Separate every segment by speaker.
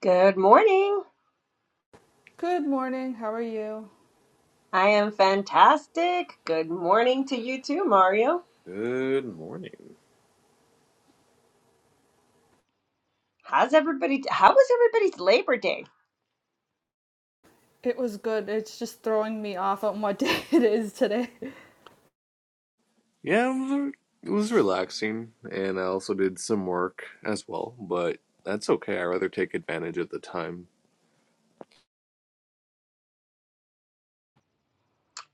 Speaker 1: Good morning.
Speaker 2: Good morning. How are you?
Speaker 1: I am fantastic. Good morning to you too, Mario.
Speaker 3: Good morning.
Speaker 1: How's everybody how was everybody's Labor Day?
Speaker 2: It was good. It's just throwing me off on what day it is today.
Speaker 3: Yeah, it was, it was relaxing, and I also did some work as well, but that's okay. I rather take advantage of the time.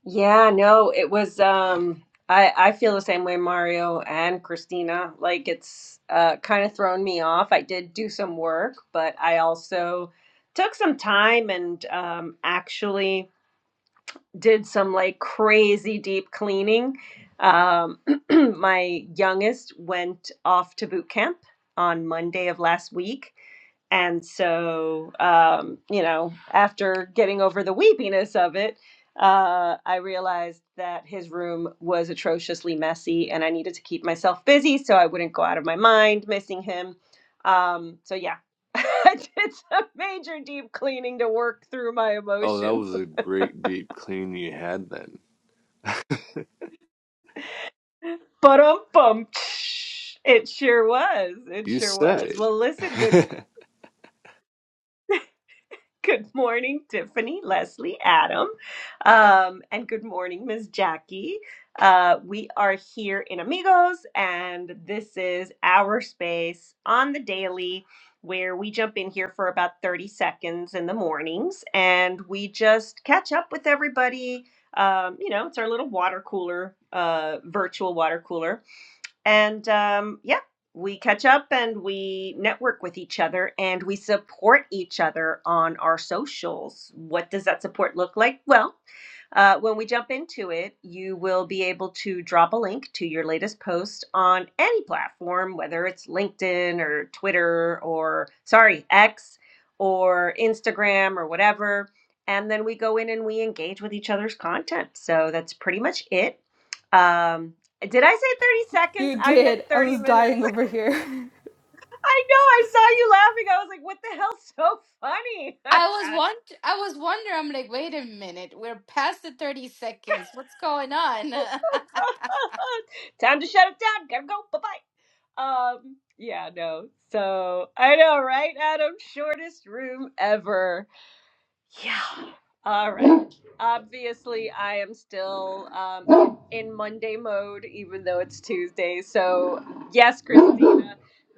Speaker 1: Yeah, no, it was um I I feel the same way Mario and Christina. Like it's uh kind of thrown me off. I did do some work, but I also took some time and um actually did some like crazy deep cleaning. Um, my youngest went off to boot camp on Monday of last week. And so, um, you know, after getting over the weepiness of it, uh, I realized that his room was atrociously messy and I needed to keep myself busy so I wouldn't go out of my mind missing him. Um, so, yeah, I did some major deep cleaning to work through my
Speaker 3: Oh, that
Speaker 1: emotions.
Speaker 3: was a great deep clean you had then.
Speaker 1: But um bum. It sure was. It
Speaker 3: You
Speaker 1: sure
Speaker 3: said
Speaker 1: was.
Speaker 3: it.
Speaker 1: Well, listen, good good morning, Tiffany, Leslie, Adam, um, and good morning, Miss Jackie. Uh, we are here in Amigos, and this is our space on the daily where we jump in here for about 30 seconds in the mornings and we just catch up with everybody. Um, you know, it's our little water cooler, uh, virtual water cooler And um, yeah, we catch up and we network with each other and we support each other on our socials. What does that support look like? Well, uh, when we jump into it, you will be able to drop a link to your latest post on any platform, whether it's LinkedIn or Twitter or, sorry, X or Instagram or whatever. And then we go in and we engage with each other's content. So that's pretty much it. Um, did I say 30 seconds?
Speaker 2: You
Speaker 1: I meant
Speaker 2: did. I
Speaker 1: 30
Speaker 2: was
Speaker 1: minutes.
Speaker 2: dying over here.
Speaker 1: I know, I saw you laughing. I was like, what the hell's so funny?
Speaker 4: I was want I was wondering. I'm like, wait a minute, we're past the 30 seconds. What's going on?
Speaker 1: Time to shut it down. Gotta go. Bye bye. Um, yeah, no. So I know, right, Adam? Shortest room ever. Yeah. All right. Obviously, I am still um, in, Monday mode, even though it's Tuesday. So, yes, Christina,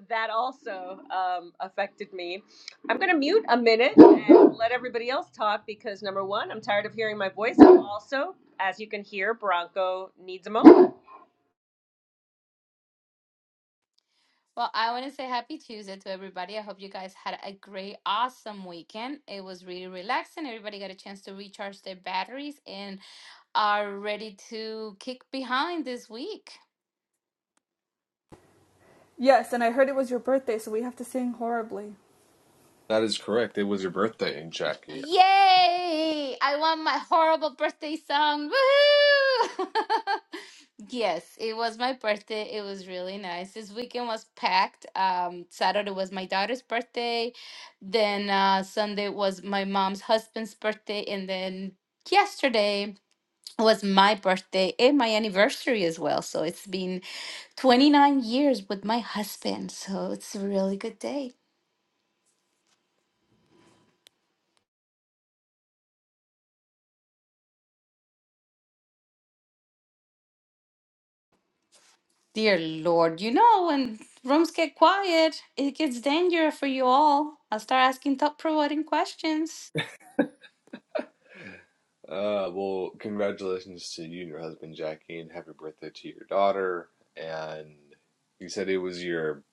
Speaker 1: that also um, affected me. I'm going to mute a minute and let everybody else talk because, number one, I'm tired of hearing my voice. And also, as you can hear, Bronco needs a moment.
Speaker 4: well, I want to say happy Tuesday to everybody. I hope you guys had a great, awesome weekend. It was really relaxing. Everybody got a chance to recharge their batteries and are ready to kick behind this week.
Speaker 2: yes, and I heard it was your birthday, so we have to sing horribly.
Speaker 3: that is correct. It was your birthday, Jackie.
Speaker 4: Yay! I want my horrible birthday song. Woohoo! Yes, it was my birthday. It was really nice. This weekend was packed. Um, Saturday was my daughter's birthday. Then uh, Sunday was my mom's husband's birthday. And then yesterday was my birthday and my anniversary as well. So it's been 29 years with my husband. So it's a really good day. Dear Lord, you know, when rooms get quiet, it gets dangerous for you all. I'll start asking thought provoking questions.
Speaker 3: Uh, well, congratulations to you and your husband, Jackie, and happy birthday to your daughter. And you said it was your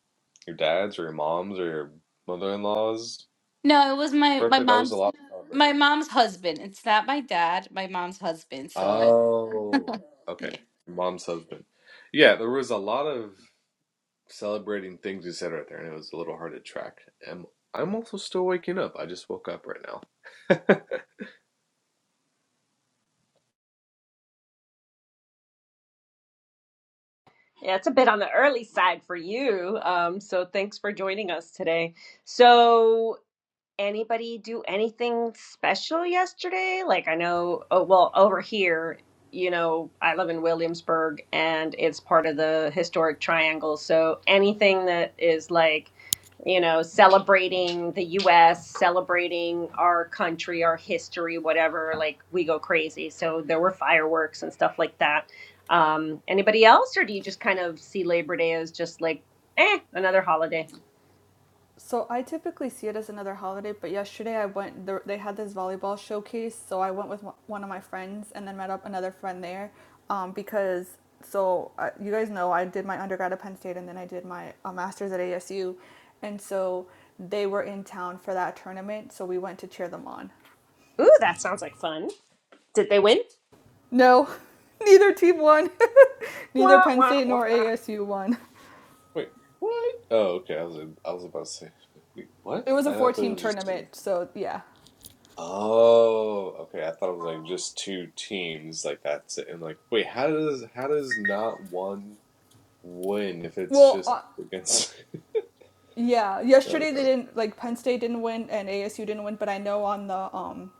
Speaker 3: your dad's or your mom's or your mother-in-law's
Speaker 4: No, it was my my
Speaker 3: birthday. That was a
Speaker 4: mom's
Speaker 3: lot. of fun.
Speaker 4: my mom's husband. It's not my dad, my mom's husband. So
Speaker 3: Oh, okay.
Speaker 4: yeah.
Speaker 3: Mom's husband. Yeah, there was a lot of celebrating things, he said right there, and it was a little hard to track. And I'm also still waking up. I just woke up right now.
Speaker 1: Yeah, it's a bit on the early side for you. Um, so, thanks for joining us today. So, anybody do anything special yesterday? Like, I know, oh, well, over here, you know, I live in Williamsburg and it's part of the historic triangle. So anything that is like, you know, celebrating the US, celebrating our country, our history, whatever, like we go crazy. So there were fireworks and stuff like that. Um, anybody else, or do you just kind of see Labor Day as just like, eh, another holiday?
Speaker 2: So I typically see it as another holiday, but yesterday I went. There, they had this volleyball showcase, so I went with one- one of my friends and then met up another friend there, um, because so uh, you guys know I did my undergrad at Penn State and then I did my uh, master's at ASU, and so they were in town for that tournament, so we went to cheer them on.
Speaker 1: Ooh, that sounds like fun. Did they win?
Speaker 2: No, neither team won, neither
Speaker 1: Wah,
Speaker 2: Penn
Speaker 1: wah,
Speaker 2: State nor
Speaker 1: wah.
Speaker 2: ASU won.
Speaker 3: Wait, what? Oh, okay. I was I was about to say, wait, what?
Speaker 2: It was a
Speaker 3: I thought it
Speaker 2: four-team
Speaker 3: was just two.
Speaker 2: tournament, so yeah.
Speaker 3: Oh, okay. I thought it was like just two teams, like that's it. And like, wait, how does how does not one win if it's
Speaker 2: Well,
Speaker 3: just
Speaker 2: uh,
Speaker 3: against?
Speaker 2: Yeah,
Speaker 3: I
Speaker 2: yesterday
Speaker 3: don't know.
Speaker 2: they didn't like Penn State didn't win and ASU didn't win, but I know on the um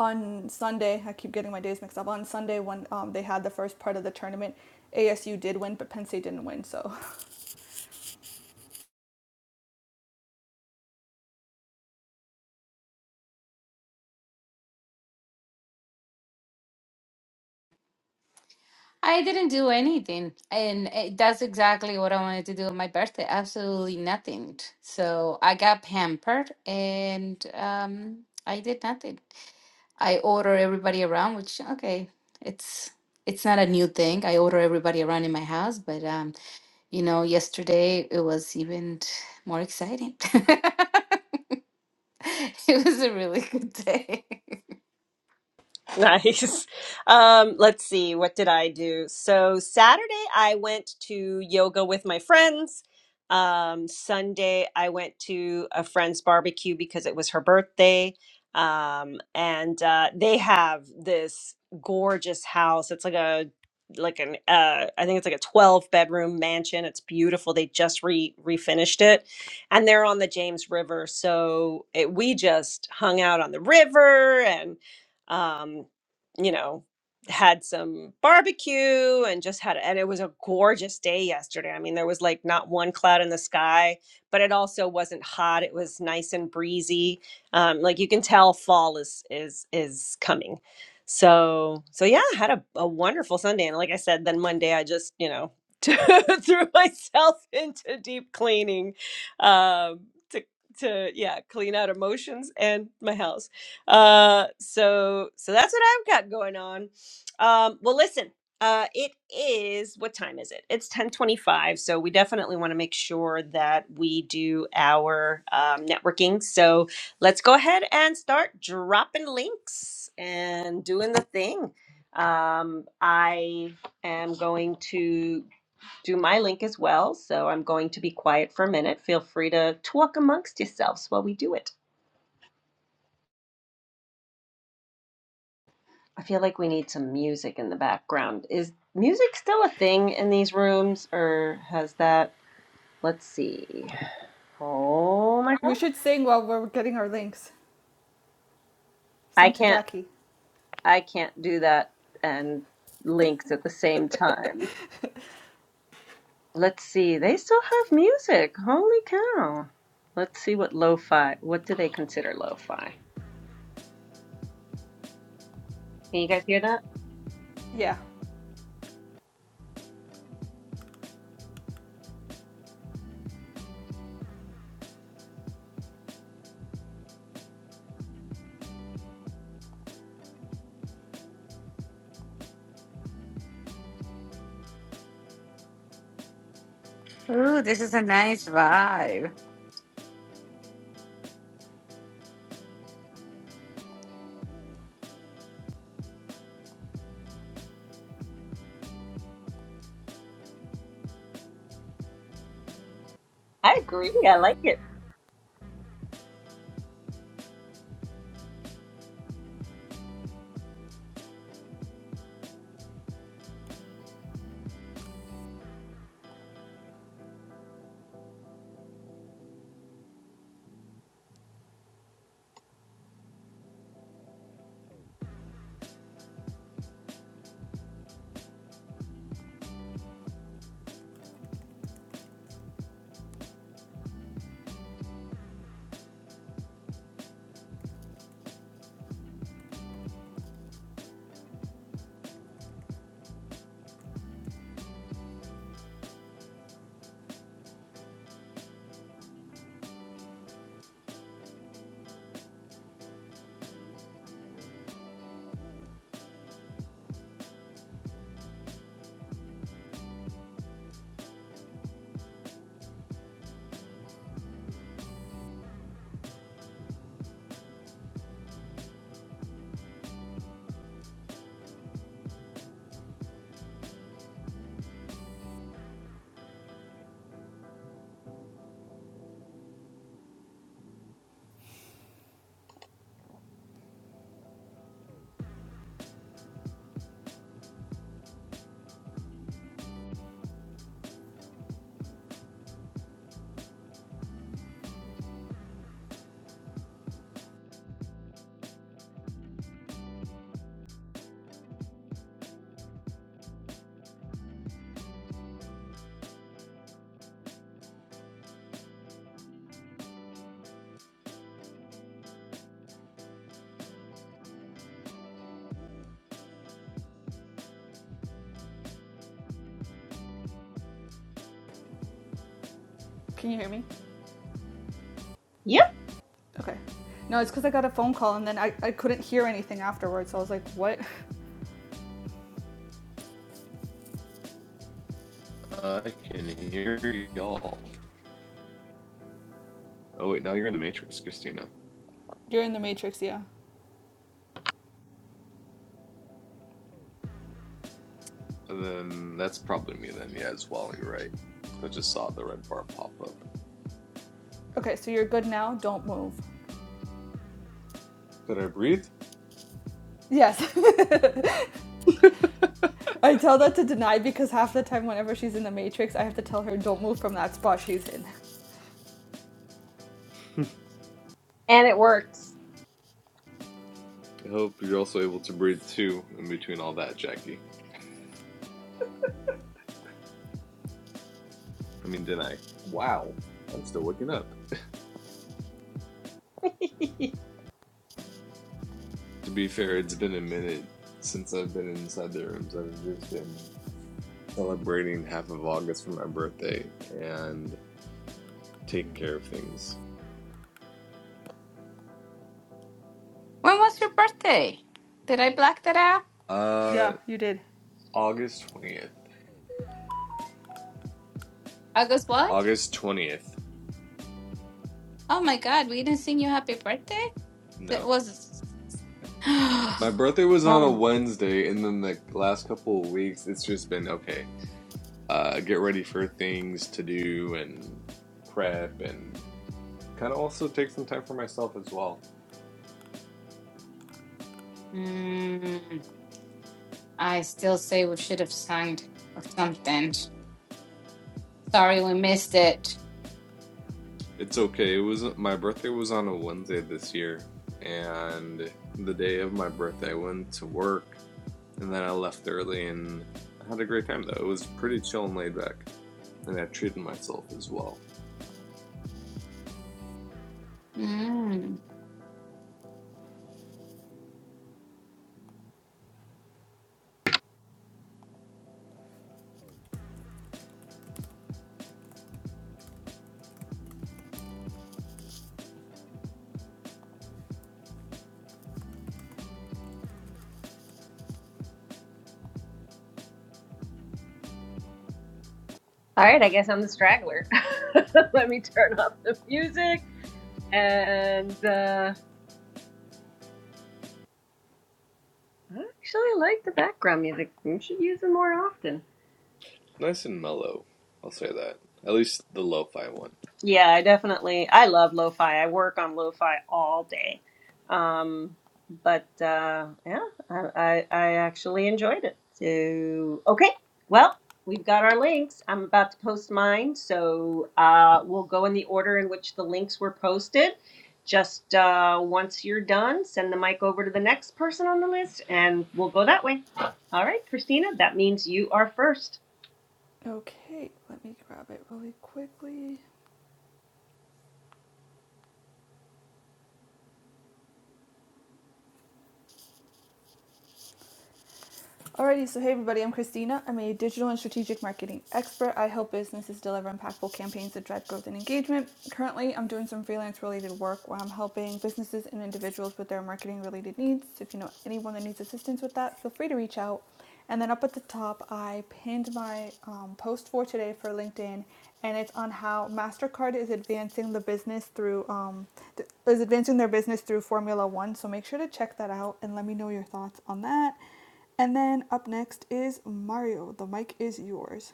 Speaker 2: on Sunday I keep getting my days mixed up. On Sunday when um they had the first part of the tournament, ASU did win, but Penn State didn't win. So
Speaker 4: I didn't do anything, and it, that's exactly what I wanted to do on my birthday. Absolutely nothing. So I got pampered, and um, I did nothing. I order everybody around, which okay, it's it's not a new thing. I order everybody around in my house, but um, you know, yesterday it was even more exciting. It was a really good day.
Speaker 1: Nice. Um, let's see, what did I do? So Saturday I went to yoga with my friends. Um, Sunday I went to a friend's barbecue because it was her birthday. Um, and uh, they have this gorgeous house. It's like a like an uh, I think it's like a 12 bedroom mansion. It's beautiful. They just re refinished it and they're on the James River. So it, we just hung out on the river and um you know, had some barbecue and just had, and it was a gorgeous day yesterday. I mean, there was like not one cloud in the sky, but it also wasn't hot. It was nice and breezy. Um, like you can tell fall is, is, is coming. So, so yeah, I had a, a wonderful Sunday. And like I said, then Monday I just, you know, threw myself into deep cleaning, um, to, to, yeah, clean out emotions and my house uh so so that's what i've got going on um well listen uh it is what time is it it's 1025 so we definitely want to make sure that we do our um, networking so let's go ahead and start dropping links and doing the thing um i am going to do my link as well so i'm going to be quiet for a minute feel free to talk amongst yourselves while we do it I feel like we need some music in the background. Is music still a thing in these rooms, or has that? Let's see. Oh my god,
Speaker 2: we should sing while we're getting our links.
Speaker 1: I
Speaker 2: Sing to
Speaker 1: can't.
Speaker 2: Jackie.
Speaker 1: I can't do that and links at the same time. Let's see. They still have music. Holy cow! Let's see what lo-fi. What do they consider lo-fi? Can you guys hear that?
Speaker 2: Yeah,
Speaker 4: Ooh, this is a nice vibe.
Speaker 1: I agree. I like it.
Speaker 2: can you hear me?
Speaker 1: Yep,
Speaker 2: Okay. No, it's because I got a phone call and then I I couldn't hear anything afterwards. So I was like, what?
Speaker 3: I can hear y'all. Oh wait, now you're in the Matrix, Christina.
Speaker 2: You're in the Matrix, yeah.
Speaker 3: And then that's probably me then, yeah, as well, you're right. I just saw the red bar pop up.
Speaker 2: Okay, so you're good now. Don't move.
Speaker 3: Did I breathe?
Speaker 2: Yes. I tell that to deny because half the time, whenever she's in the Matrix, I have to tell her, don't move from that spot she's in.
Speaker 1: and it works.
Speaker 3: I hope you're also able to breathe too in between all that, Jackie. I mean, didn't I? Wow. I'm still waking up.
Speaker 1: All
Speaker 3: To be fair, it's been a minute since I've been inside the rooms. I've just been celebrating half of August for my birthday and taking care of things.
Speaker 4: When was your birthday? Did I black that out?
Speaker 3: Uh,
Speaker 2: Yeah, you did.
Speaker 3: August 20th.
Speaker 4: August what?
Speaker 3: August 20th.
Speaker 4: Oh my God, we didn't sing you happy birthday?
Speaker 3: No,
Speaker 4: That was.
Speaker 3: My birthday was on a
Speaker 4: Oh.
Speaker 3: Wednesday, and then the last couple of weeks, it's just been okay. Uh, get ready for things to do and prep, and kind of also take some time for myself as well.
Speaker 4: Mm, I still say we should have sung or something. Sorry we missed it.
Speaker 3: It's okay. It was my birthday was on a Wednesday this year, and the day of my birthday, I went to work, and then I left early, and I had a great time though. It was pretty chill and laid back, and I treated myself as well.
Speaker 4: Mm.
Speaker 1: right, I guess I'm the straggler. Let me turn off the music. And uh, I actually like the background music. We should use it more often.
Speaker 3: Nice and mellow, I'll say that. At least the lo-fi one.
Speaker 1: Yeah, I definitely I love lo-fi. I work on lo-fi all day. Um, but uh yeah, I, I I actually enjoyed it. So okay. Well, we've got our links. I'm about to post mine, so uh we'll go in the order in which the links were posted. Just uh once you're done, send the mic over to the next person on the list and we'll go that way. All right, Christina, that means you are first.
Speaker 2: Okay, let me grab it really quickly. Alrighty, so hey everybody, I'm Christina. I'm a digital and strategic marketing expert. I help businesses deliver impactful campaigns that drive growth and engagement. Currently, I'm doing some freelance related work where I'm helping businesses and individuals with their marketing related needs. So if you know anyone that needs assistance with that, feel free to reach out. And then up at the top, I pinned my um, post for today for LinkedIn, and it's on how Mastercard is advancing the business through um, th- is advancing their business through Formula One. So make sure to check that out and let me know your thoughts on that. And then up next is Mario. The mic is yours.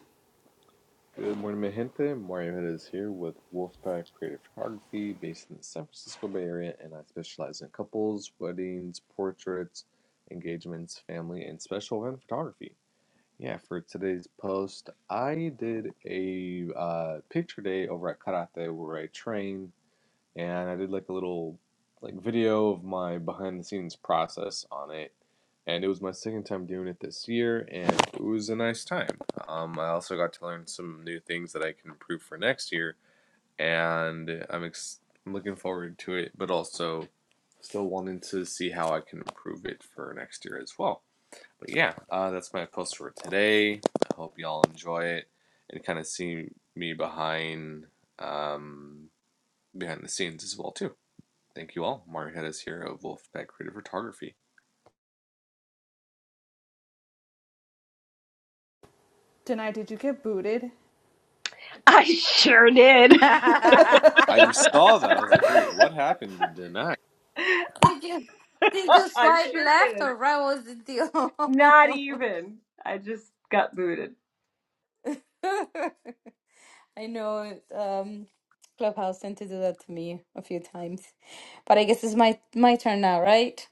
Speaker 3: Good morning, mi gente. Mario Huda is here with Wolfpack Creative Photography, based in the San Francisco Bay Area, and I specialize in couples, weddings, portraits, engagements, family, and special event photography. Yeah, for today's post, I did a uh, picture day over at Karate where I train and I did like a little like video of my behind the scenes process on it. And it was my second time doing it this year, and it was a nice time. Um, I also got to learn some new things that I can improve for next year, and I'm, ex- I'm looking forward to it, but also still wanting to see how I can improve it for next year as well. But yeah, uh, that's my post for today. I hope y'all enjoy it and kind of see me behind um, behind the scenes as well too. Thank you all. Mario Hedis here of Wolfpack Creative Photography.
Speaker 2: Denai, did you get booted?
Speaker 1: I sure did.
Speaker 3: I saw that. I was like, wait, what happened to deny?
Speaker 4: Did you did you
Speaker 1: I
Speaker 4: swipe
Speaker 1: sure
Speaker 4: left
Speaker 1: did.
Speaker 4: or right? What was the
Speaker 1: Not
Speaker 4: deal?
Speaker 1: even. I just got booted.
Speaker 4: I know um, Clubhouse tend to do that to me a few times, but I guess it's my my turn now, right?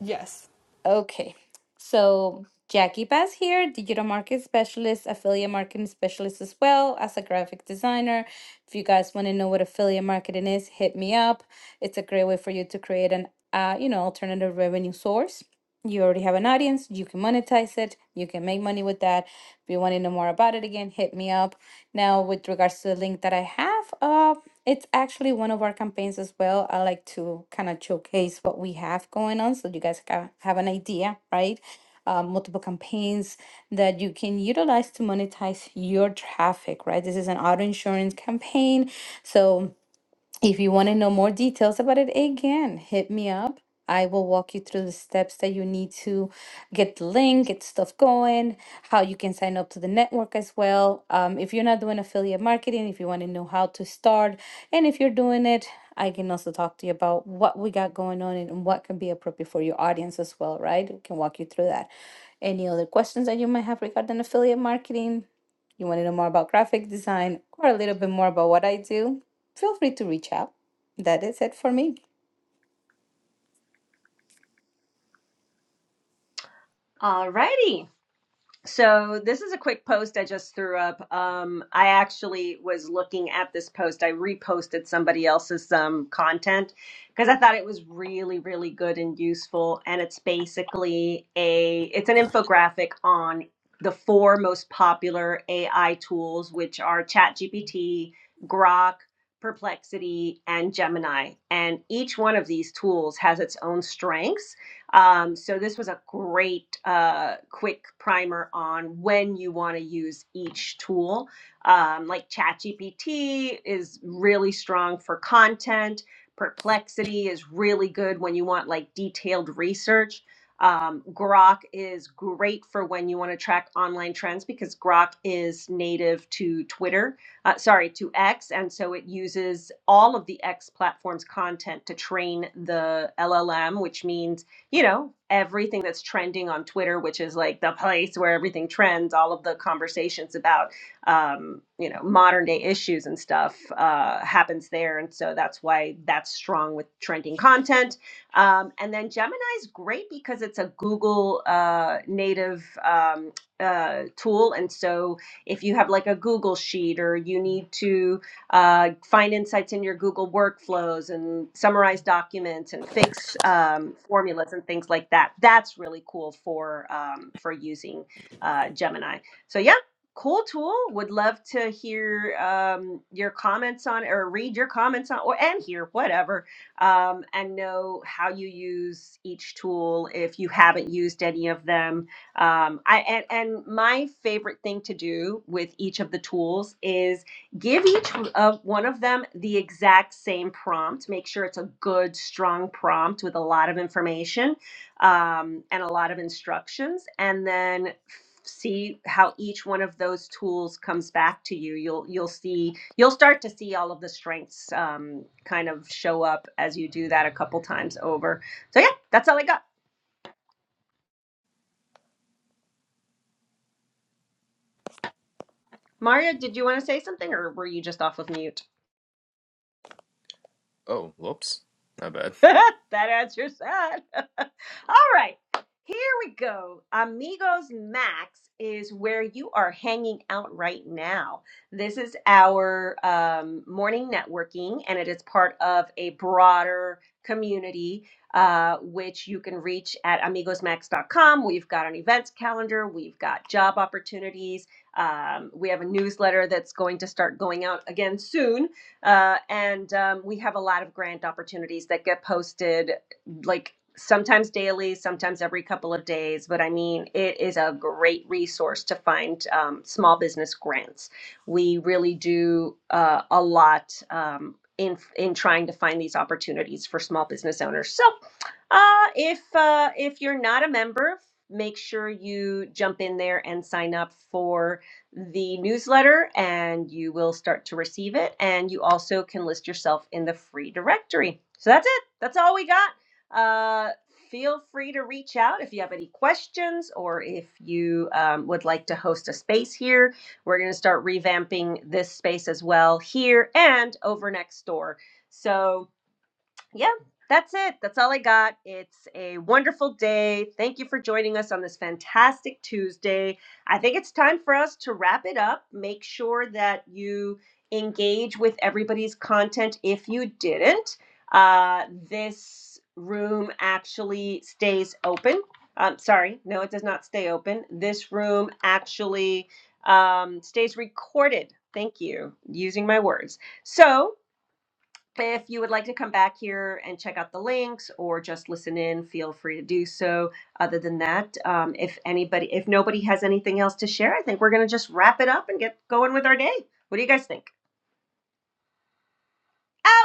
Speaker 2: Yes.
Speaker 4: Okay. So Jackie Bass here, digital market specialist, affiliate marketing specialist as well as a graphic designer. If you guys want to know what affiliate marketing is, hit me up. It's a great way for you to create an uh, you know alternative revenue source. You already have an audience. You can monetize it. You can make money with that. If you want to know more about it again, hit me up. Now, with regards to the link that I have, uh, it's actually one of our campaigns as well. I like to kind of showcase what we have going on so you guys ca- have an idea, right? Uh, multiple campaigns that you can utilize to monetize your traffic, right? This is an auto insurance campaign. So, if you want to know more details about it, again, hit me up. I will walk you through the steps that you need to get the link, get stuff going, how you can sign up to the network as well. Um, if you're not doing affiliate marketing, if you want to know how to start, and if you're doing it, I can also talk to you about what we got going on and what can be appropriate for your audience as well, right? We can walk you through that. Any other questions that you might have regarding affiliate marketing? You want to know more about graphic design or a little bit more about what I do? Feel free to reach out. That is it for me.
Speaker 1: Alrighty. So this is a quick post I just threw up. Um, I actually was looking at this post. I reposted somebody else's um, content because I thought it was really, really good and useful. And it's basically a it's an infographic on the four most popular AI tools, which are ChatGPT, Grok, Perplexity, and Gemini. And each one of these tools has its own strengths um, so this was a great uh, quick primer on when you want to use each tool. Um, like ChatGPT is really strong for content. Perplexity is really good when you want like detailed research. Um, Grok is great for when you want to track online trends because Grok is native to Twitter, uh, sorry, to X. And so it uses all of the X platform's content to train the LLM, which means you know, everything that's trending on Twitter, which is like the place where everything trends, all of the conversations about, um, you know, modern day issues and stuff uh, happens there. And so that's why that's strong with trending content. Um, and then Gemini is great because it's a Google uh, native um, uh, tool. And so if you have like a Google sheet or you need to, uh, find insights in your Google workflows and summarize documents and fix um, formulas and things like that. That's really cool for um, for using uh, Gemini. So yeah, cool tool. Would love to hear um, your comments on or read your comments on or and hear whatever um, and know how you use each tool if you haven't used any of them. Um, I and, and my favorite thing to do with each of the tools is give each of one of them the exact same prompt make sure it's a good strong prompt with a lot of information um, and a lot of instructions and then see how each one of those tools comes back to you you'll you'll see you'll start to see all of the strengths um, kind of show up as you do that a couple times over so yeah that's all i got maria did you want to say something or were you just off of mute
Speaker 3: Oh, whoops. Not bad.
Speaker 1: that answers that All right. Here we go. Amigos Max is where you are hanging out right now. This is our um, morning networking, and it is part of a broader community, uh, which you can reach at amigosmax.com. We've got an events calendar, we've got job opportunities, um, we have a newsletter that's going to start going out again soon, uh, and um, we have a lot of grant opportunities that get posted like sometimes daily, sometimes every couple of days. But I mean, it is a great resource to find um, small business grants. We really do uh, a lot um, in in trying to find these opportunities for small business owners. So uh, if uh, if you're not a member, make sure you jump in there and sign up for the newsletter, and you will start to receive it. And you also can list yourself in the free directory. So that's it. That's all we got. Uh, feel free to reach out if you have any questions or if you um, would like to host a space here. We're going to start revamping this space as well here and over next door. So yeah, that's it. That's all I got. It's a wonderful day. Thank you for joining us on this fantastic Tuesday. I think it's time for us to wrap it up. Make sure that you engage with everybody's content if you didn't. Uh, this room actually stays open. Um, sorry, no, it does not stay open. This room actually um, stays recorded. Thank you, using my words. So, if you would like to come back here and check out the links or just listen in, feel free to do so. Other than that, um, if anybody, if nobody has anything else to share, I think we're going to just wrap it up and get going with our day. What do you guys think?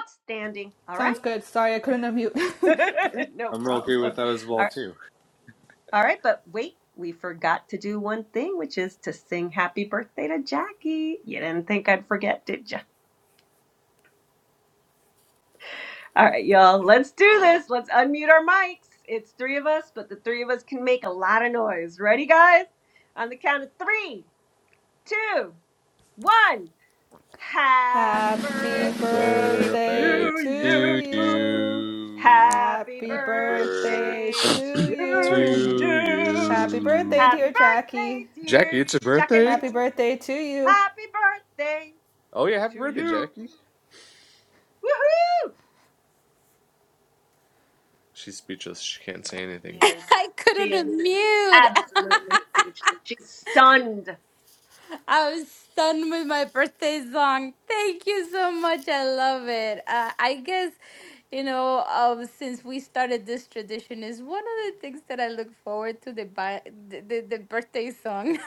Speaker 1: Outstanding. All
Speaker 2: Sounds good. Sorry, I couldn't unmute.
Speaker 1: right. no
Speaker 3: I'm
Speaker 1: problem.
Speaker 3: okay with that as
Speaker 1: All
Speaker 3: well,
Speaker 1: right.
Speaker 3: too.
Speaker 1: All right. But wait, we forgot to do one thing, which is to sing happy birthday to Jackie. You didn't think I'd forget, did you? All right, y'all, let's do this. Let's unmute our mics. It's three of us, but the three of us can make a lot of noise. Ready, guys? On the count of three, two, one. Happy
Speaker 2: Happy
Speaker 3: Happy
Speaker 1: birthday
Speaker 2: birthday
Speaker 3: birthday
Speaker 1: to
Speaker 2: to
Speaker 1: you.
Speaker 3: to
Speaker 2: you.
Speaker 3: you.
Speaker 1: Happy
Speaker 2: Happy
Speaker 3: Happy
Speaker 2: birthday
Speaker 1: birthday
Speaker 3: birthday
Speaker 2: to
Speaker 1: to
Speaker 2: you.
Speaker 3: to
Speaker 1: you.
Speaker 2: Happy
Speaker 3: you.
Speaker 2: birthday,
Speaker 1: Happy
Speaker 2: dear
Speaker 1: birthday,
Speaker 2: Jackie.
Speaker 3: Jackie,
Speaker 1: dear
Speaker 3: it's your birthday?
Speaker 1: Jacqueline.
Speaker 2: Happy birthday to you.
Speaker 1: Happy birthday
Speaker 3: Oh, yeah, happy
Speaker 1: to
Speaker 3: birthday,
Speaker 1: you.
Speaker 3: Jackie.
Speaker 1: Woohoo!
Speaker 3: She's speechless. She can't say
Speaker 1: She
Speaker 3: anything.
Speaker 1: is.
Speaker 4: I
Speaker 1: She
Speaker 4: couldn't
Speaker 1: is
Speaker 4: unmute.
Speaker 1: absolutely speechless. She's stunned.
Speaker 4: I was stunned with my birthday song. Thank you so much. I love it. Uh, I guess, you know, um, since we started this tradition, is one of the things that I look forward to the bi- the, the, the birthday song.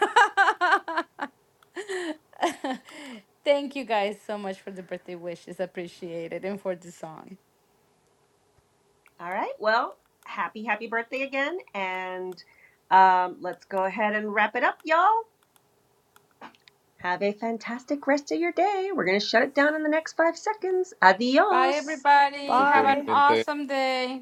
Speaker 4: Thank you guys so much for the birthday wishes. Appreciate it and for the song.
Speaker 1: All right. Well, happy, happy birthday again. And um, let's go ahead and wrap it up, y'all. Have a fantastic rest of your day. We're going to shut it down in the next five seconds.
Speaker 4: Bye,
Speaker 1: Adios.
Speaker 4: everybody.
Speaker 3: Take
Speaker 4: Have
Speaker 3: care
Speaker 4: an
Speaker 2: Bye.
Speaker 3: man.
Speaker 4: awesome day.